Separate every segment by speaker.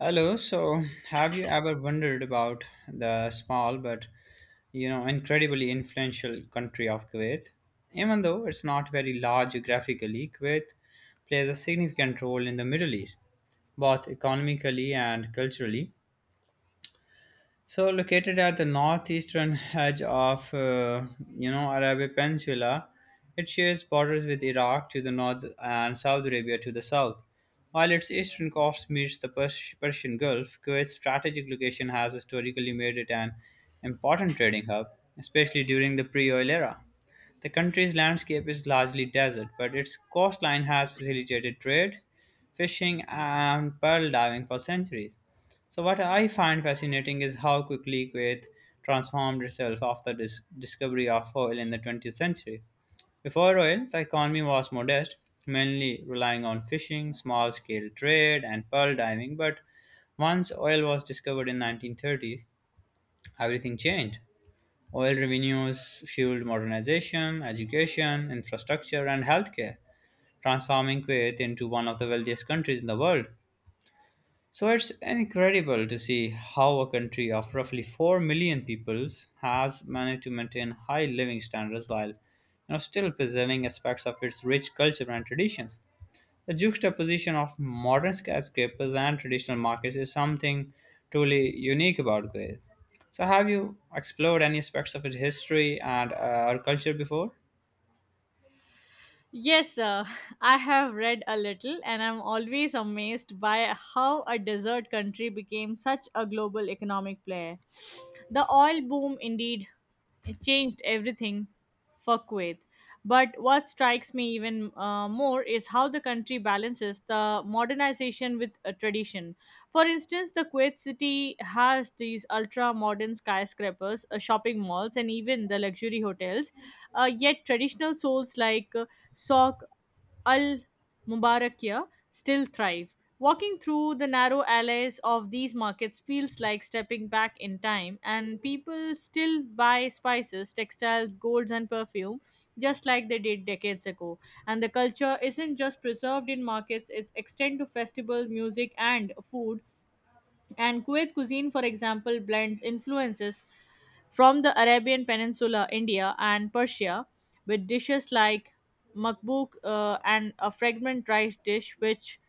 Speaker 1: Hello. So, have you ever wondered about the small but incredibly influential country of Kuwait? Even though it's not very large geographically, Kuwait plays a significant role in the Middle East, both economically and culturally. So located at the northeastern edge of Arabian Peninsula, it shares borders with Iraq to the north and Saudi Arabia to the south. While its eastern coast meets the Persian Gulf, Kuwait's strategic location has historically made it an important trading hub, especially during the pre-oil era. The country's landscape is largely desert, but its coastline has facilitated trade, fishing, and pearl diving for centuries. So, what I find fascinating is how quickly Kuwait transformed itself after this discovery of oil in the 20th century. Before oil, the economy was modest, mainly relying on fishing, small scale trade, and pearl diving. But once oil was discovered in 1930s, everything changed. Oil revenues fueled modernization, education, infrastructure, and healthcare, transforming Kuwait into one of the wealthiest countries in the world. So it's incredible to see how a country of roughly 4 million peoples has managed to maintain high living standards while still preserving aspects of its rich culture and traditions. The juxtaposition of modern skyscrapers and traditional markets is something truly unique about Goa. So have you explored any aspects of its history and our culture before?
Speaker 2: Yes, I have read a little, and I'm always amazed by how a desert country became such a global economic player. The oil boom indeed it changed everything for Kuwait. But what strikes me even more is how the country balances the modernization with a tradition. For instance, the Kuwait city has these ultra modern skyscrapers, shopping malls, and even the luxury hotels yet traditional souls like Souk al Mubarakia still thrive. Walking through the narrow alleys of these markets feels like stepping back in time, and people still buy spices, textiles, golds, and perfume just like they did decades ago. And the culture isn't just preserved in markets, it's extended to festival, music, and food and Kuwait cuisine, for example, blends influences from the Arabian Peninsula, India, and Persia, with dishes like makbuk and a fragrant rice dish, which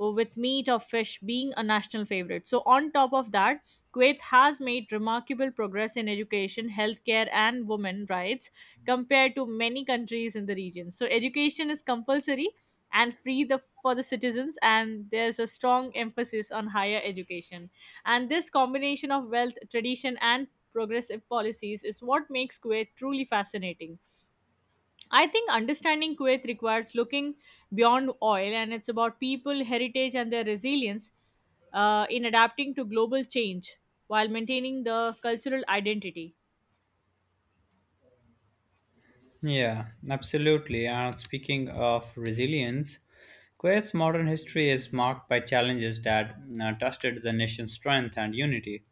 Speaker 2: with meat or fish being a national favorite. So, on top of that, Kuwait has made remarkable progress in education, healthcare, and women rights compared to many countries in the region. So, education is compulsory and free the for the citizens and there's a strong emphasis on higher education, and this combination of wealth tradition and progressive policies is what makes Kuwait truly fascinating. I think understanding Kuwait requires looking beyond oil, and it's about people heritage and their resilience in adapting to global change while maintaining the cultural identity.
Speaker 1: Yeah, absolutely. And speaking of resilience, Kuwait's modern history is marked by challenges that tested the nation's strength and unity.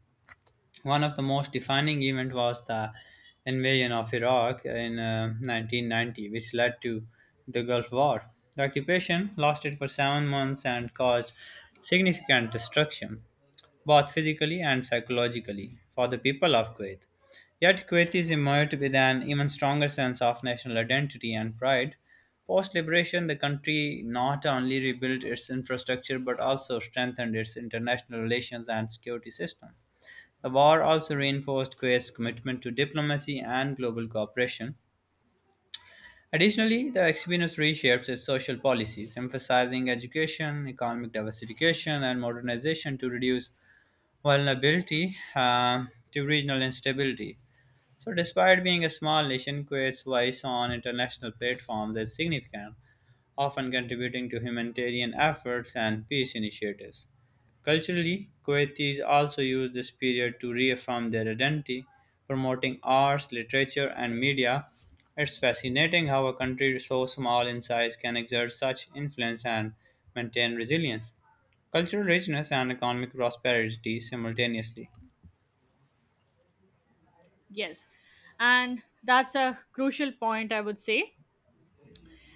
Speaker 1: One of the most defining events was the invasion of Iraq in 1990, which led to the Gulf War. The occupation lasted for 7 months and caused significant destruction, both physically and psychologically, for the people of Kuwait. Yet Kuwaitis emerged with an even stronger sense of national identity and pride. Post liberation, the country not only rebuilt its infrastructure but also strengthened its international relations and security system. The war also reinforced Kuwait's commitment to diplomacy and global cooperation. Additionally, the experience reshapes its social policies, emphasizing education, economic diversification, and modernization to reduce vulnerability to regional instability. So, despite being a small nation, Kuwait's voice on international platforms is significant, often contributing to humanitarian efforts and peace initiatives. Culturally, Kuwaitis also use this period to reaffirm their identity, promoting arts, literature, and media. It's fascinating how a country so small in size can exert such influence and maintain resilience, cultural richness, and economic prosperity simultaneously.
Speaker 2: Yes, and that's a crucial point, I would say.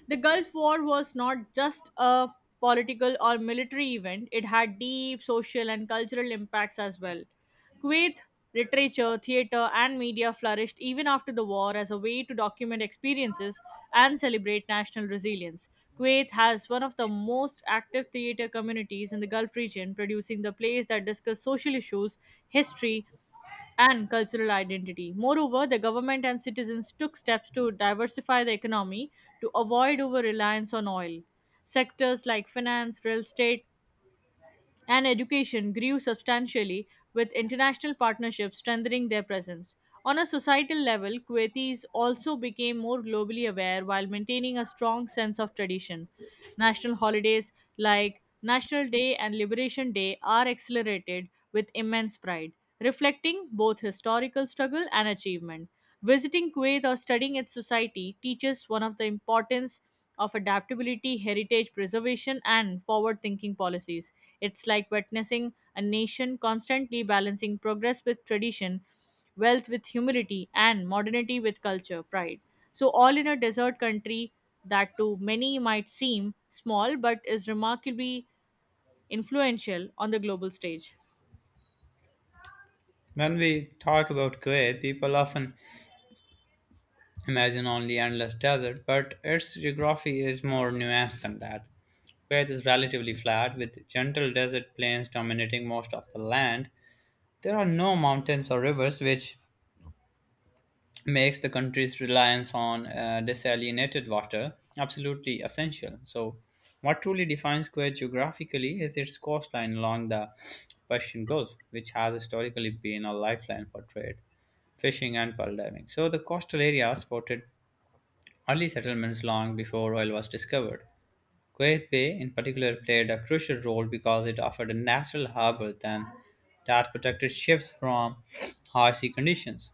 Speaker 2: The Gulf War was not just a political or military event, it had deep social and cultural impacts as well. Kuwait literature, theater, and media flourished even after the war as a way to document experiences and celebrate national resilience. Kuwait has one of the most active theater communities in the Gulf region, producing the plays that discuss social issues, history, and cultural identity. Moreover, the government and citizens took steps to diversify the economy to avoid over reliance on oil. Sectors like finance, real estate, and education grew substantially with international partnerships strengthening their presence. On a societal level, Kuwaitis also became more globally aware while maintaining a strong sense of tradition. National holidays like National Day and Liberation Day are accelerated with immense pride, reflecting both historical struggle and achievement. Visiting Kuwait or studying its society teaches one of the importance of adaptability, heritage preservation, and forward thinking policies. It's like witnessing a nation constantly balancing progress with tradition, wealth with humility, and modernity with culture, pride. So, all in a desert country that to many might seem small but is remarkably influential on the global stage.
Speaker 1: When we talk about Kuwait, people often imagine only endless desert, but its geography is more nuanced than that. Kuwait is relatively flat, with gentle desert plains dominating most of the land. There are no mountains or rivers, which makes the country's reliance on desalinated water absolutely essential. So, what truly defines Kuwait geographically is its coastline along the Persian Gulf, which has historically been a lifeline for trade fishing and pearl diving. So the coastal area supported. Early settlements long before oil was discovered. Kuwait Bay, in particular, played a crucial role because it offered a natural harbor than that protected ships from harsh sea conditions.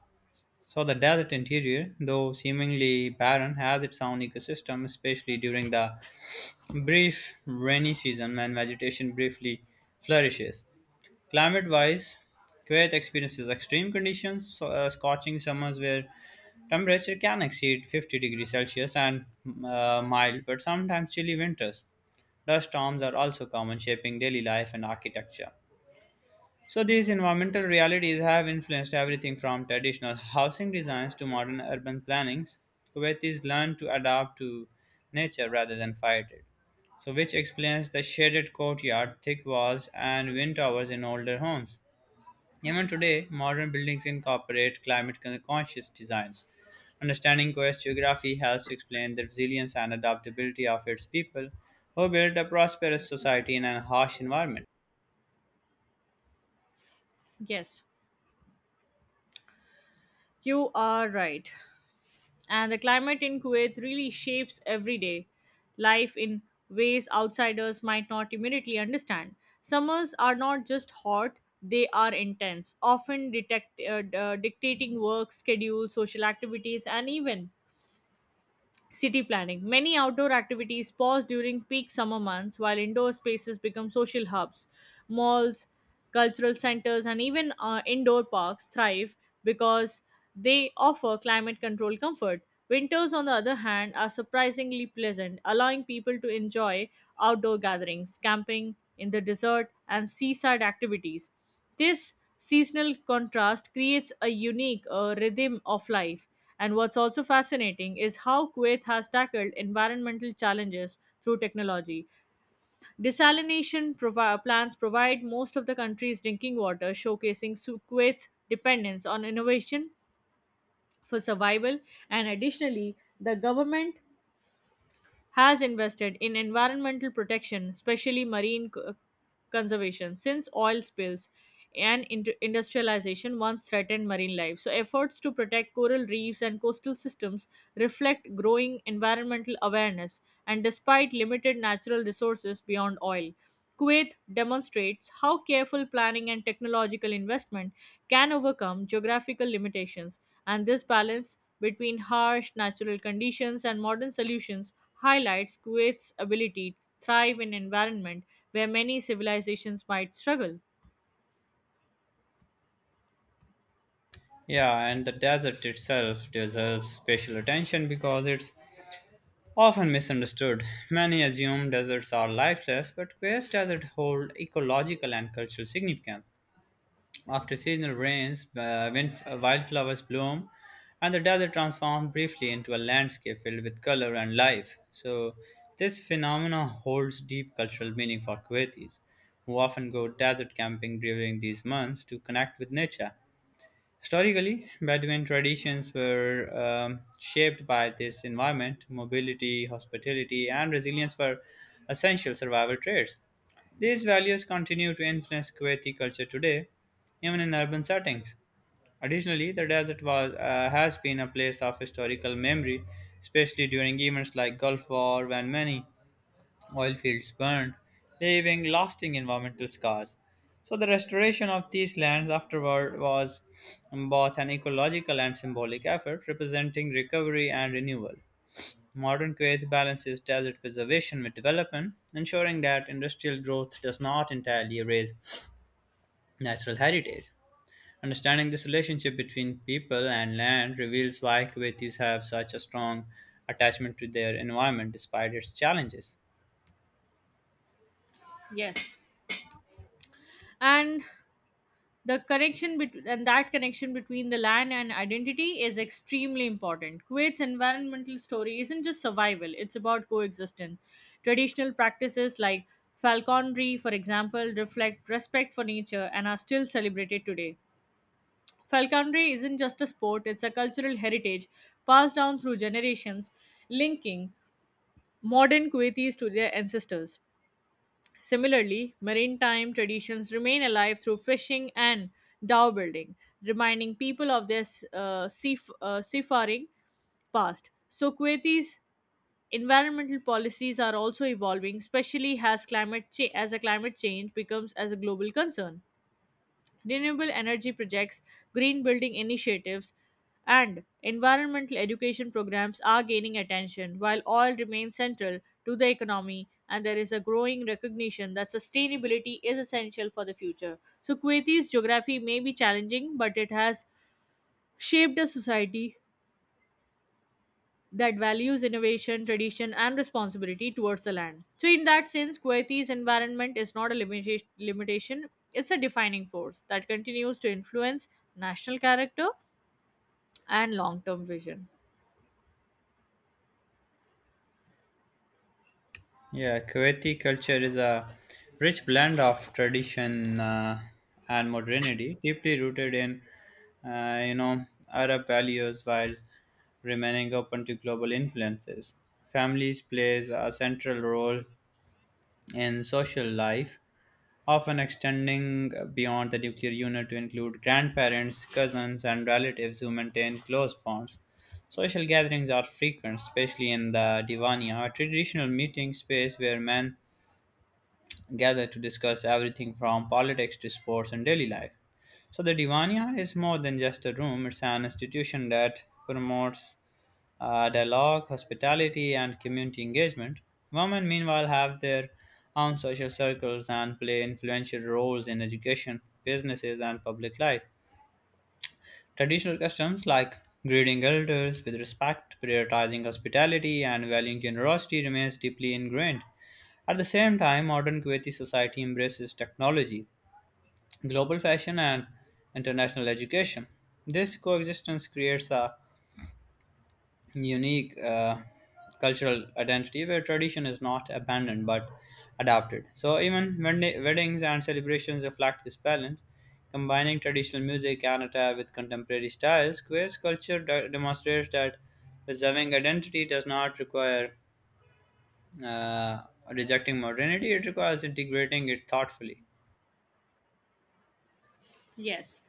Speaker 1: So, the desert interior, though seemingly barren, has its own ecosystem, especially during the brief rainy season when vegetation briefly flourishes. Climate wise, Kuwait experiences extreme conditions, so, scorching summers where temperature can exceed 50 degrees Celsius and mild but sometimes chilly winters. Dust storms are also common, shaping daily life and architecture. So, these environmental realities have influenced everything from traditional housing designs to modern urban plannings. Kuwaitis learn to adapt to nature rather than fight it. So, which explains the shaded courtyard, thick walls, and wind towers in older homes. Even today, modern buildings incorporate climate conscious designs. Understanding Quest's geography helps to explain the resilience and adaptability of its people, who built a prosperous society in a harsh environment.
Speaker 2: Yes, you are right. And the climate in Kuwait really shapes everyday life in ways outsiders might not immediately understand. Summers are not just hot, they are intense, often dictating work, schedule, social activities, and even city planning. Many outdoor activities pause during peak summer months while indoor spaces become social hubs. Malls, cultural centers, and even indoor parks thrive because they offer climate control comfort. Winters, on the other hand, are surprisingly pleasant, allowing people to enjoy outdoor gatherings, camping in the desert, and seaside activities. This seasonal contrast creates a unique rhythm of life. And what's also fascinating is how Kuwait has tackled environmental challenges through technology. Plants provide most of the country's drinking water, showcasing Kuwait's dependence on innovation for survival. And additionally, the government has invested in environmental protection, especially conservation, since oil spills and industrialization once threatened marine life. So, efforts to protect coral reefs and coastal systems reflect growing environmental awareness, and despite limited natural resources beyond oil, Kuwait demonstrates how careful planning and technological investment can overcome geographical limitations, and this balance between harsh natural conditions and modern solutions highlights Kuwait's ability to thrive in environment where many civilizations might struggle.
Speaker 1: Yeah, and the desert itself deserves special attention because it's often misunderstood. Many assume deserts are lifeless, but Quest desert hold ecological and cultural significance. After seasonal rains, wildflowers bloom, and the desert transforms briefly into a landscape filled with color and life. So, this phenomena holds deep cultural meaning for Kuwaitis, who often go desert camping during these months to connect with nature. Historically, Bedouin traditions were shaped by this environment. Mobility, hospitality, and resilience were essential survival traits. These values continue to influence Kuwaiti culture today, even in urban settings. Additionally, the desert has been a place of historical memory, especially during events like Gulf War, when many Oil fields burned, leaving lasting environmental scars. So, the restoration of these lands afterward was both an ecological and symbolic effort, representing recovery and renewal. Modern Kuwait balances desert preservation with development, ensuring that industrial growth does not entirely erase natural heritage. Understanding this relationship between people and land reveals why Kuwaitis have such a strong attachment to their environment despite its challenges.
Speaker 2: Yes. And the connection between and that connection between the land and identity is extremely important kuwait's environmental story isn't just survival it's about coexistence traditional practices like falconry for example reflect respect for nature and are still celebrated today falconry isn't just a sport it's a cultural heritage passed down through generations linking modern kuwaitis to their ancestors Similarly, maritime traditions remain alive through fishing and dhow building, reminding people of their seaf- seafaring past. So, Kuwaiti's environmental policies are also evolving, especially as a climate change becomes as a global concern. Renewable energy projects, green building initiatives, and environmental education programs are gaining attention, while oil remains central to the economy, and there is a growing recognition that sustainability is essential for the future. So, Kuwait's geography may be challenging, but it has shaped a society that values innovation, tradition, and responsibility towards the land. So, in that sense, Kuwaiti's environment is not a limitation, it's a defining force that continues to influence national character and long term vision.
Speaker 1: Yeah, Kuwaiti culture is a rich blend of tradition and modernity, deeply rooted in uh, you know Arab values while remaining open to global influences. Families plays a central role in social life, often extending beyond the nuclear unit to include grandparents, cousins, and relatives who maintain close bonds. Social gatherings are frequent, especially in the Divaniya, a traditional meeting space where men gather to discuss everything from politics to sports and daily life. So the Diwania is more than just a room, it's an institution that promotes dialogue, hospitality, and community engagement. Women, meanwhile, have their own social circles and play influential roles in education, businesses, and public life. Traditional customs like greeting elders with respect, prioritizing hospitality, and valuing generosity remains deeply ingrained. At the same time, modern Kuwaiti society embraces technology, global fashion, and international education. This coexistence creates a unique cultural identity where tradition is not abandoned but adapted. So even weddings and celebrations reflect this balance, combining traditional music and attire with contemporary styles. Queer's culture demonstrates that preserving identity does not require uh, rejecting modernity; it requires integrating it thoughtfully.
Speaker 2: Yes.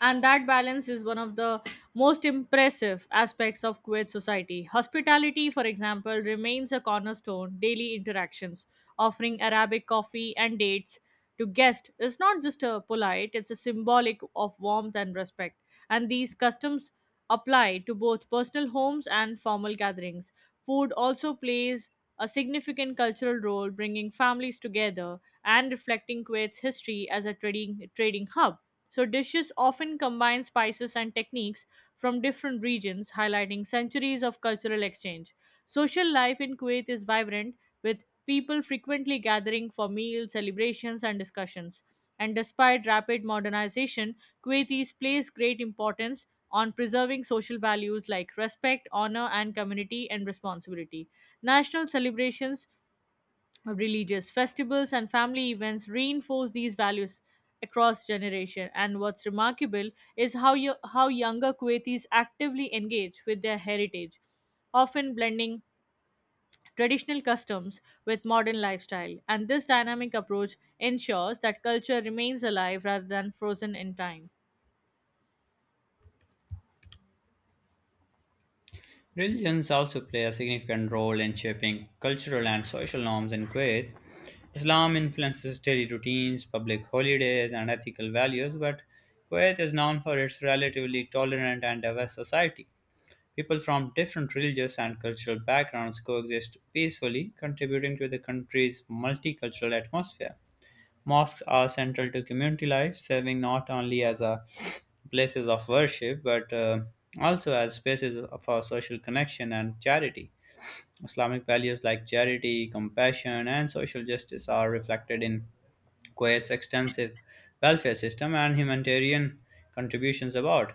Speaker 2: And that balance is one of the most impressive aspects of Kuwait society. Hospitality, for example, remains a cornerstone daily interactions. Offering Arabic coffee and dates to guests is not just a polite, it's a symbolic of warmth and respect. And these customs apply to both personal homes and formal gatherings. Food also plays a significant cultural role, bringing families together and reflecting Kuwait's history as a trading hub. So, dishes often combine spices and techniques from different regions, highlighting centuries of cultural exchange. Social life in Kuwait is vibrant, with people frequently gathering for meals, celebrations, and discussions. And despite rapid modernization, Kuwaitis place great importance on preserving social values like respect, honor, and community and responsibility. National celebrations religious festivals and family events reinforce these values across generation, and what's remarkable is how younger Kuwaitis actively engage with their heritage, often blending traditional customs with modern lifestyle, and this dynamic approach ensures that culture remains alive rather than frozen in time.
Speaker 1: Religions also play a significant role in shaping cultural and social norms in Kuwait. Islam influences daily routines, public holidays, and ethical values, but Kuwait is known for its relatively tolerant and diverse society. People from different religious and cultural backgrounds coexist peacefully, contributing to the country's multicultural atmosphere. Mosques are central to community life, serving not only as a places of worship but also as spaces for social connection and charity. Islamic values like charity, compassion, and social justice are reflected in Kuwait's extensive welfare system and humanitarian contributions abroad.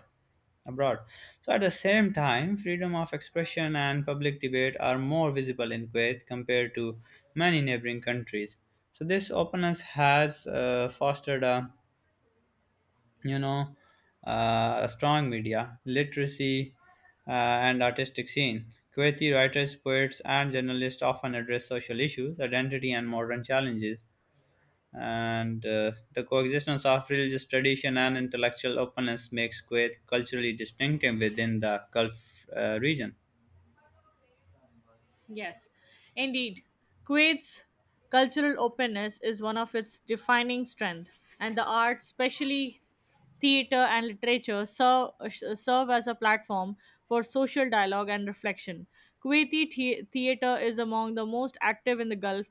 Speaker 1: abroad. So, at the same time, freedom of expression and public debate are more visible in Kuwait compared to many neighboring countries. So, this openness has fostered a you know a strong media, literacy, and artistic scene. Kuwaiti writers, poets, and journalists often address social issues, identity, and modern challenges and the coexistence of religious tradition and intellectual openness makes Kuwait culturally distinctive within the Gulf region.
Speaker 2: Yes, indeed. Kuwait's cultural openness is one of its defining strengths, and the arts, especially theater and literature, serve as a platform for social dialogue and reflection. Kuwaiti theater is among the most active in the Gulf,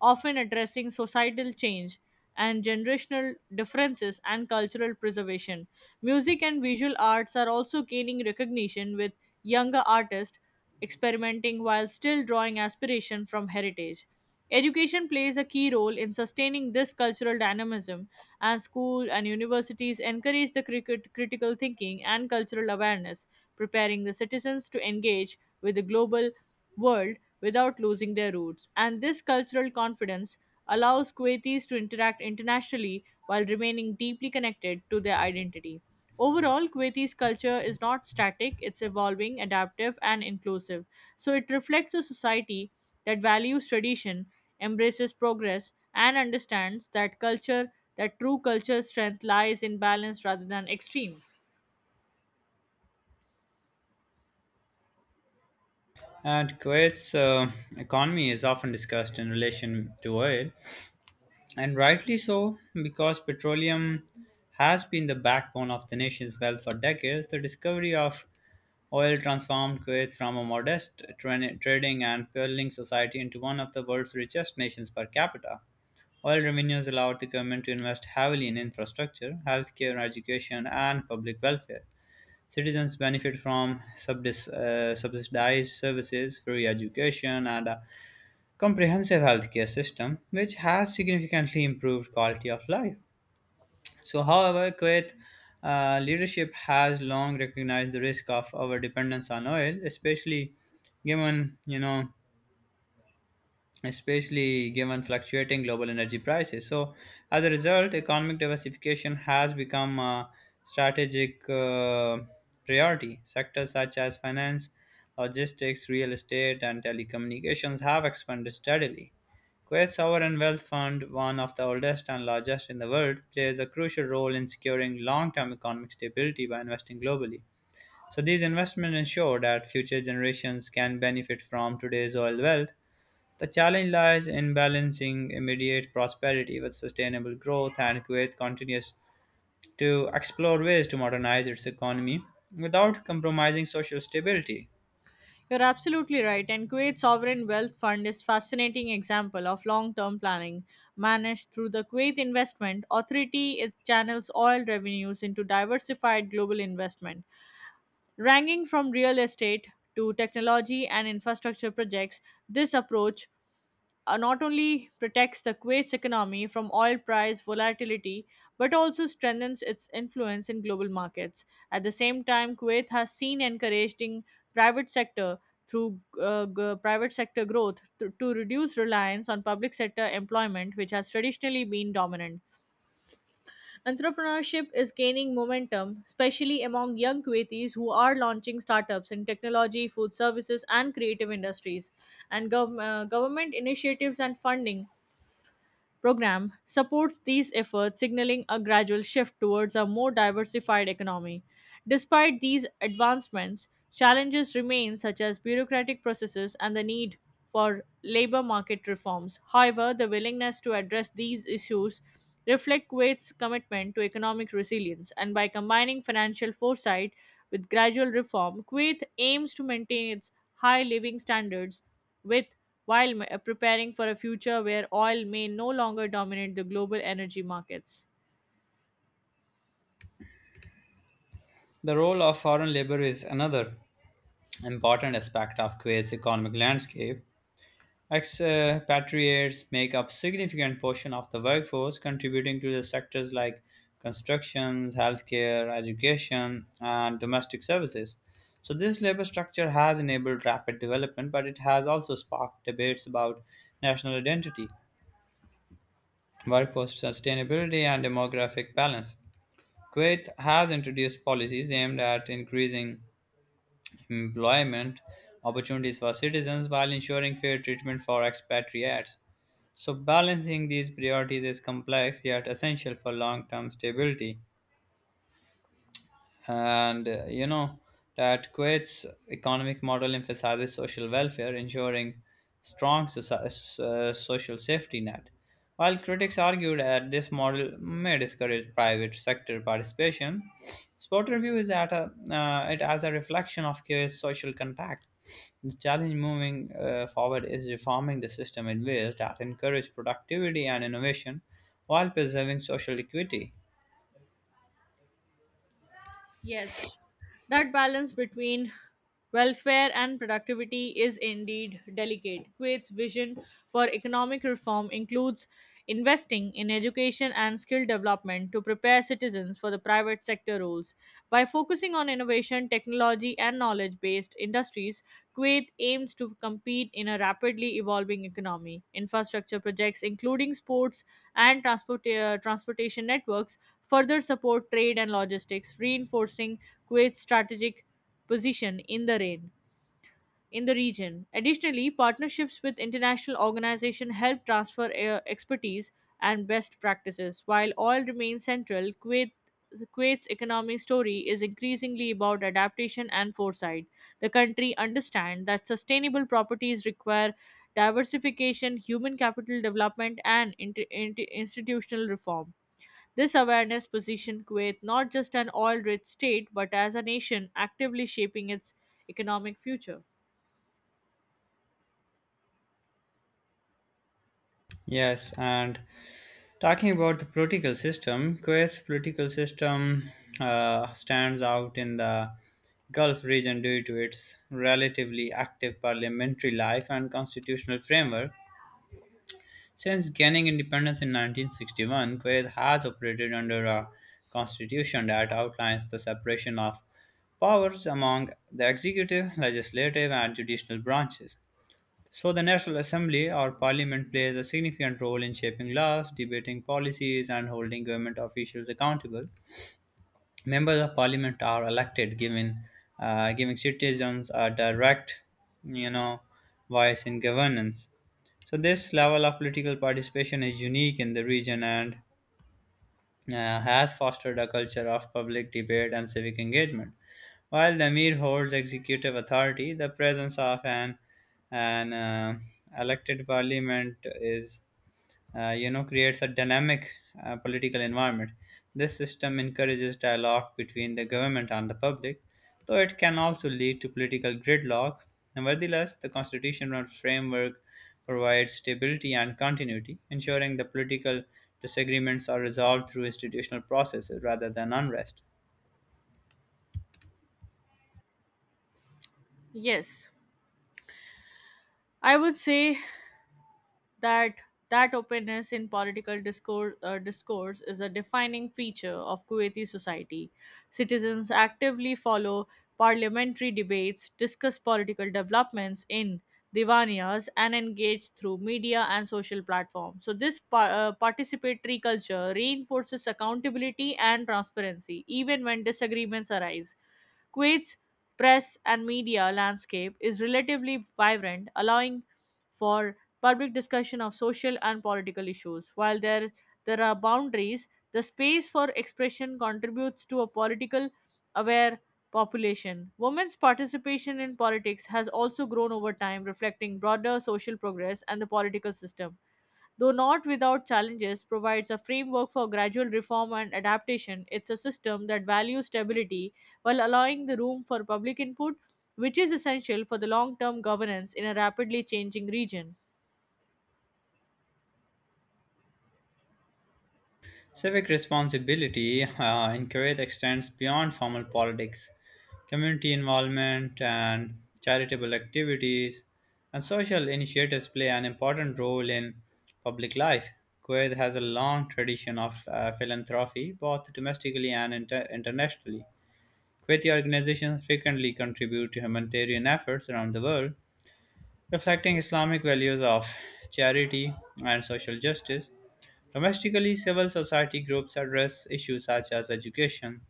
Speaker 2: often addressing societal change and generational differences and cultural preservation. Music and visual arts are also gaining recognition with younger artists experimenting while still drawing aspiration from heritage. Education plays a key role in sustaining this cultural dynamism, and school and universities encourage the critical thinking and cultural awareness, preparing the citizens to engage with the global world without losing their roots. And this cultural confidence allows Kuwaitis to interact internationally while remaining deeply connected to their identity. Overall, Kuwaiti's culture is not static, it's evolving, adaptive, and inclusive. So it reflects a society that values tradition, embraces progress, and understands that culture, that true culture strength lies in balance rather than extreme.
Speaker 1: And Kuwait's economy is often discussed in relation to oil, and rightly so, because petroleum has been the backbone of the nation's wealth for decades. The discovery of oil transformed Kuwait from a modest trading and pearling society into one of the world's richest nations per capita. While revenues allowed the government to invest heavily in infrastructure, healthcare, education, and public welfare, citizens benefit from subsidized services, free education, and a comprehensive healthcare system, which has significantly improved quality of life. So, however, Kuwait leadership has long recognized the risk of our dependence on oil, especially given especially given fluctuating global energy prices. So, as a result, economic diversification has become a strategic priority. Sectors such as finance, logistics, real estate, and telecommunications have expanded steadily. Kuwait's sovereign wealth fund, one of the oldest and largest in the world, plays a crucial role in securing long term economic stability by investing globally. So, these investments ensure that future generations can benefit from today's oil wealth the challenge lies in balancing immediate prosperity with sustainable growth, and Kuwait continues to explore ways to modernize its economy without compromising social stability.
Speaker 2: You're absolutely right, and Kuwait's sovereign wealth fund is fascinating example of long-term planning managed through the Kuwait Investment Authority. It channels oil revenues into diversified global investment, ranging from real estate to technology and infrastructure projects. This approach not only protects the Kuwait's economy from oil price volatility, but also strengthens its influence in global markets. At the same time, Kuwait has seen encouraging private sector private sector growth to reduce reliance on public sector employment, which has traditionally been dominant. Entrepreneurship is gaining momentum, especially among young Kuwaitis who are launching startups in technology, food services, and creative industries. And government initiatives and funding program supports these efforts, signaling a gradual shift towards a more diversified economy. Despite these advancements, challenges remain such as bureaucratic processes and the need for labor market reforms. However, the willingness to address these issues reflect Kuwait's commitment to economic resilience, and by combining financial foresight with gradual reform, Kuwait aims to maintain its high living standards with while preparing for a future where oil may no longer dominate the global energy markets.
Speaker 1: The role of foreign labor is another important aspect of Kuwait's economic landscape. Expatriates make up significant portion of the workforce, contributing to the sectors like construction, healthcare, education, and domestic services. So this labor structure has enabled rapid development, but it has also sparked debates about national identity, workforce sustainability, and demographic balance. Kuwait has introduced policies aimed at increasing employment opportunities for citizens while ensuring fair treatment for expatriates. So, balancing these priorities is complex yet essential for long term stability and that Kuwait's economic model emphasizes social welfare, ensuring social safety net. While critics argued that this model may discourage private sector participation, Spotter views that it as a reflection of Kuwait's social contact. The challenge moving forward is reforming the system in ways that encourage productivity and innovation while preserving social equity.
Speaker 2: Yes, that balance between welfare and productivity is indeed delicate. Kuwait's vision for economic reform includes investing in education and skill development to prepare citizens for the private sector roles. By focusing on innovation, technology, and knowledge based industries, Kuwait aims to compete in a rapidly evolving economy. Infrastructure projects, including sports and transportation networks, further support trade and logistics, reinforcing Kuwait's strategic position in the region. Additionally, partnerships with international organizations help transfer expertise and best practices. While oil remains central, Kuwait's economic story is increasingly about adaptation and foresight. The country understands that sustainable properties require diversification, human capital development, and institutional reform. This awareness positioned Kuwait not just an oil rich state, but as a nation actively shaping its economic future.
Speaker 1: Yes, and Talking about the political system, Kuwait's political system stands out in the Gulf region due to its relatively active parliamentary life and constitutional framework. Since gaining independence in 1961, Kuwait has operated under a constitution that outlines the separation of powers among the executive, legislative, and judicial branches. So, the National Assembly or Parliament plays a significant role in shaping laws, debating policies, and holding government officials accountable. Members of Parliament are elected, giving citizens a direct, you know, voice in governance. So, this level of political participation is unique in the region and has fostered a culture of public debate and civic engagement. While the Amir holds executive authority, the presence of an elected parliament is creates a dynamic political environment. This system encourages dialogue between the government and the public, though it can also lead to political gridlock. Nevertheless, the constitutional framework provides stability and continuity, ensuring the political disagreements are resolved through institutional processes rather than unrest.
Speaker 2: Yes, I would say that that openness in political discourse is a defining feature of Kuwaiti society. Citizens actively follow parliamentary debates, discuss political developments in divaniyas, and engage through media and social platforms. So, this participatory culture reinforces accountability and transparency, even when disagreements arise. Kuwait's press and media landscape is relatively vibrant, allowing for public discussion of social and political issues. There are boundaries, the space for expression contributes to a political aware population. Women's participation in politics has also grown over time, reflecting broader social progress and the political system. Though not without challenges, provides a framework for gradual reform and adaptation. It's a system that values stability while allowing the room for public input, which is essential for the long term governance in a rapidly changing region.
Speaker 1: Civic responsibility in Kuwait extends beyond formal politics. Community involvement and charitable activities and social initiatives play an important role in public life. Kuwait has a long tradition of philanthropy, both domestically and internationally. Kuwaiti organizations frequently contribute to humanitarian efforts around the world, reflecting Islamic values of charity and social justice. Domestically, civil society groups address issues such as education,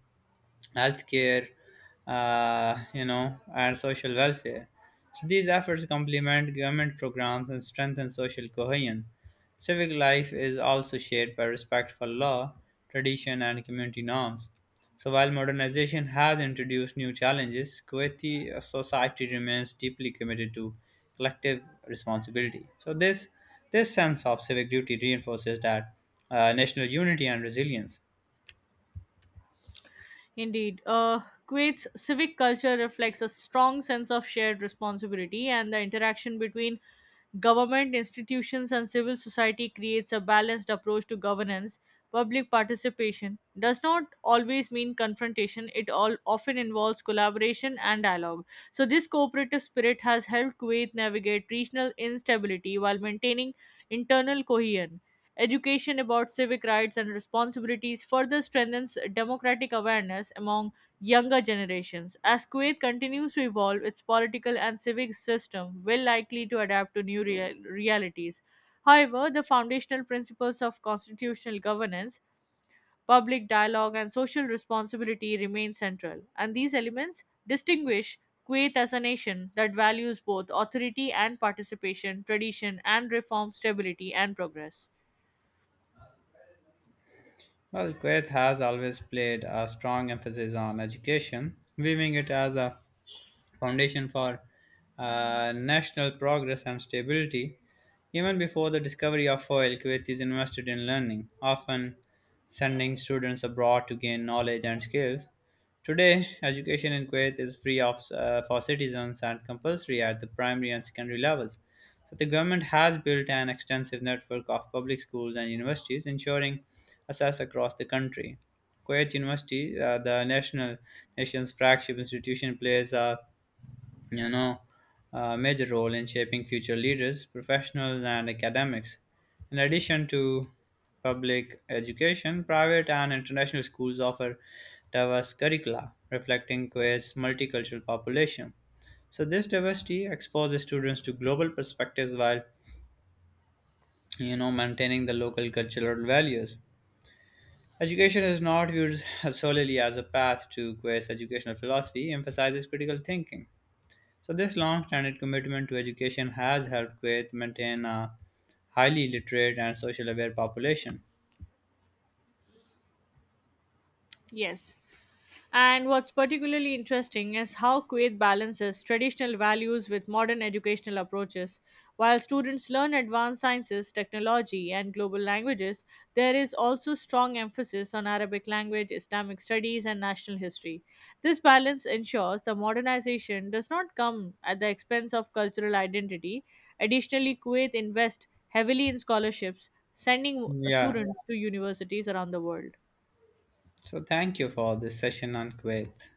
Speaker 1: healthcare, and social welfare. So these efforts complement government programs and strengthen social cohesion. Civic life is also shaped by respect for law, tradition, and community norms. So while modernization has introduced new challenges, Kuwaiti society remains deeply committed to collective responsibility. So this sense of civic duty reinforces that national unity and resilience.
Speaker 2: Indeed. Kuwait's civic culture reflects a strong sense of shared responsibility, and the interaction between government, institutions, and civil society creates a balanced approach to governance. Public participation does not always mean confrontation, it all often involves collaboration and dialogue. So, this cooperative spirit has helped Kuwait navigate regional instability while maintaining internal cohesion. Education about civic rights and responsibilities further strengthens democratic awareness among younger generations. As Kuwait continues to evolve, its political and civic system will likely to adapt to new realities. However, the foundational principles of constitutional governance, public dialogue, and social responsibility remain central, and these elements distinguish Kuwait as a nation that values both authority and participation, tradition and reform, stability and progress.
Speaker 1: Well, Kuwait has always played a strong emphasis on education, viewing it as a foundation for national progress and stability. Even before the discovery of oil, Kuwait is invested in learning, often sending students abroad to gain knowledge and skills. Today, education in Kuwait is free for citizens and compulsory at the primary and secondary levels. So, the government has built an extensive network of public schools and universities, ensuring access across the country. Kuwait University, the national nation's flagship institution, plays you know, a major role in shaping future leaders, professionals, and academics. In addition to public education, private and international schools offer diverse curricula reflecting Kuwait's multicultural population. So this diversity exposes students to global perspectives while maintaining the local cultural values. Education is not viewed solely as a path to Kuwait's educational philosophy, emphasizes critical thinking so, this long standing commitment to education has helped Kuwait maintain a highly literate and social aware population.
Speaker 2: Yes. And what's particularly interesting is how Kuwait balances traditional values with modern educational approaches. While students learn advanced sciences, technology, and global languages, there is also strong emphasis on Arabic language, Islamic studies, and national history. This balance ensures the modernization does not come at the expense of cultural identity. Additionally, Kuwait invests heavily in scholarships, sending
Speaker 1: Yeah.
Speaker 2: students to universities around the world.
Speaker 1: So, thank you for this session on Kuwait.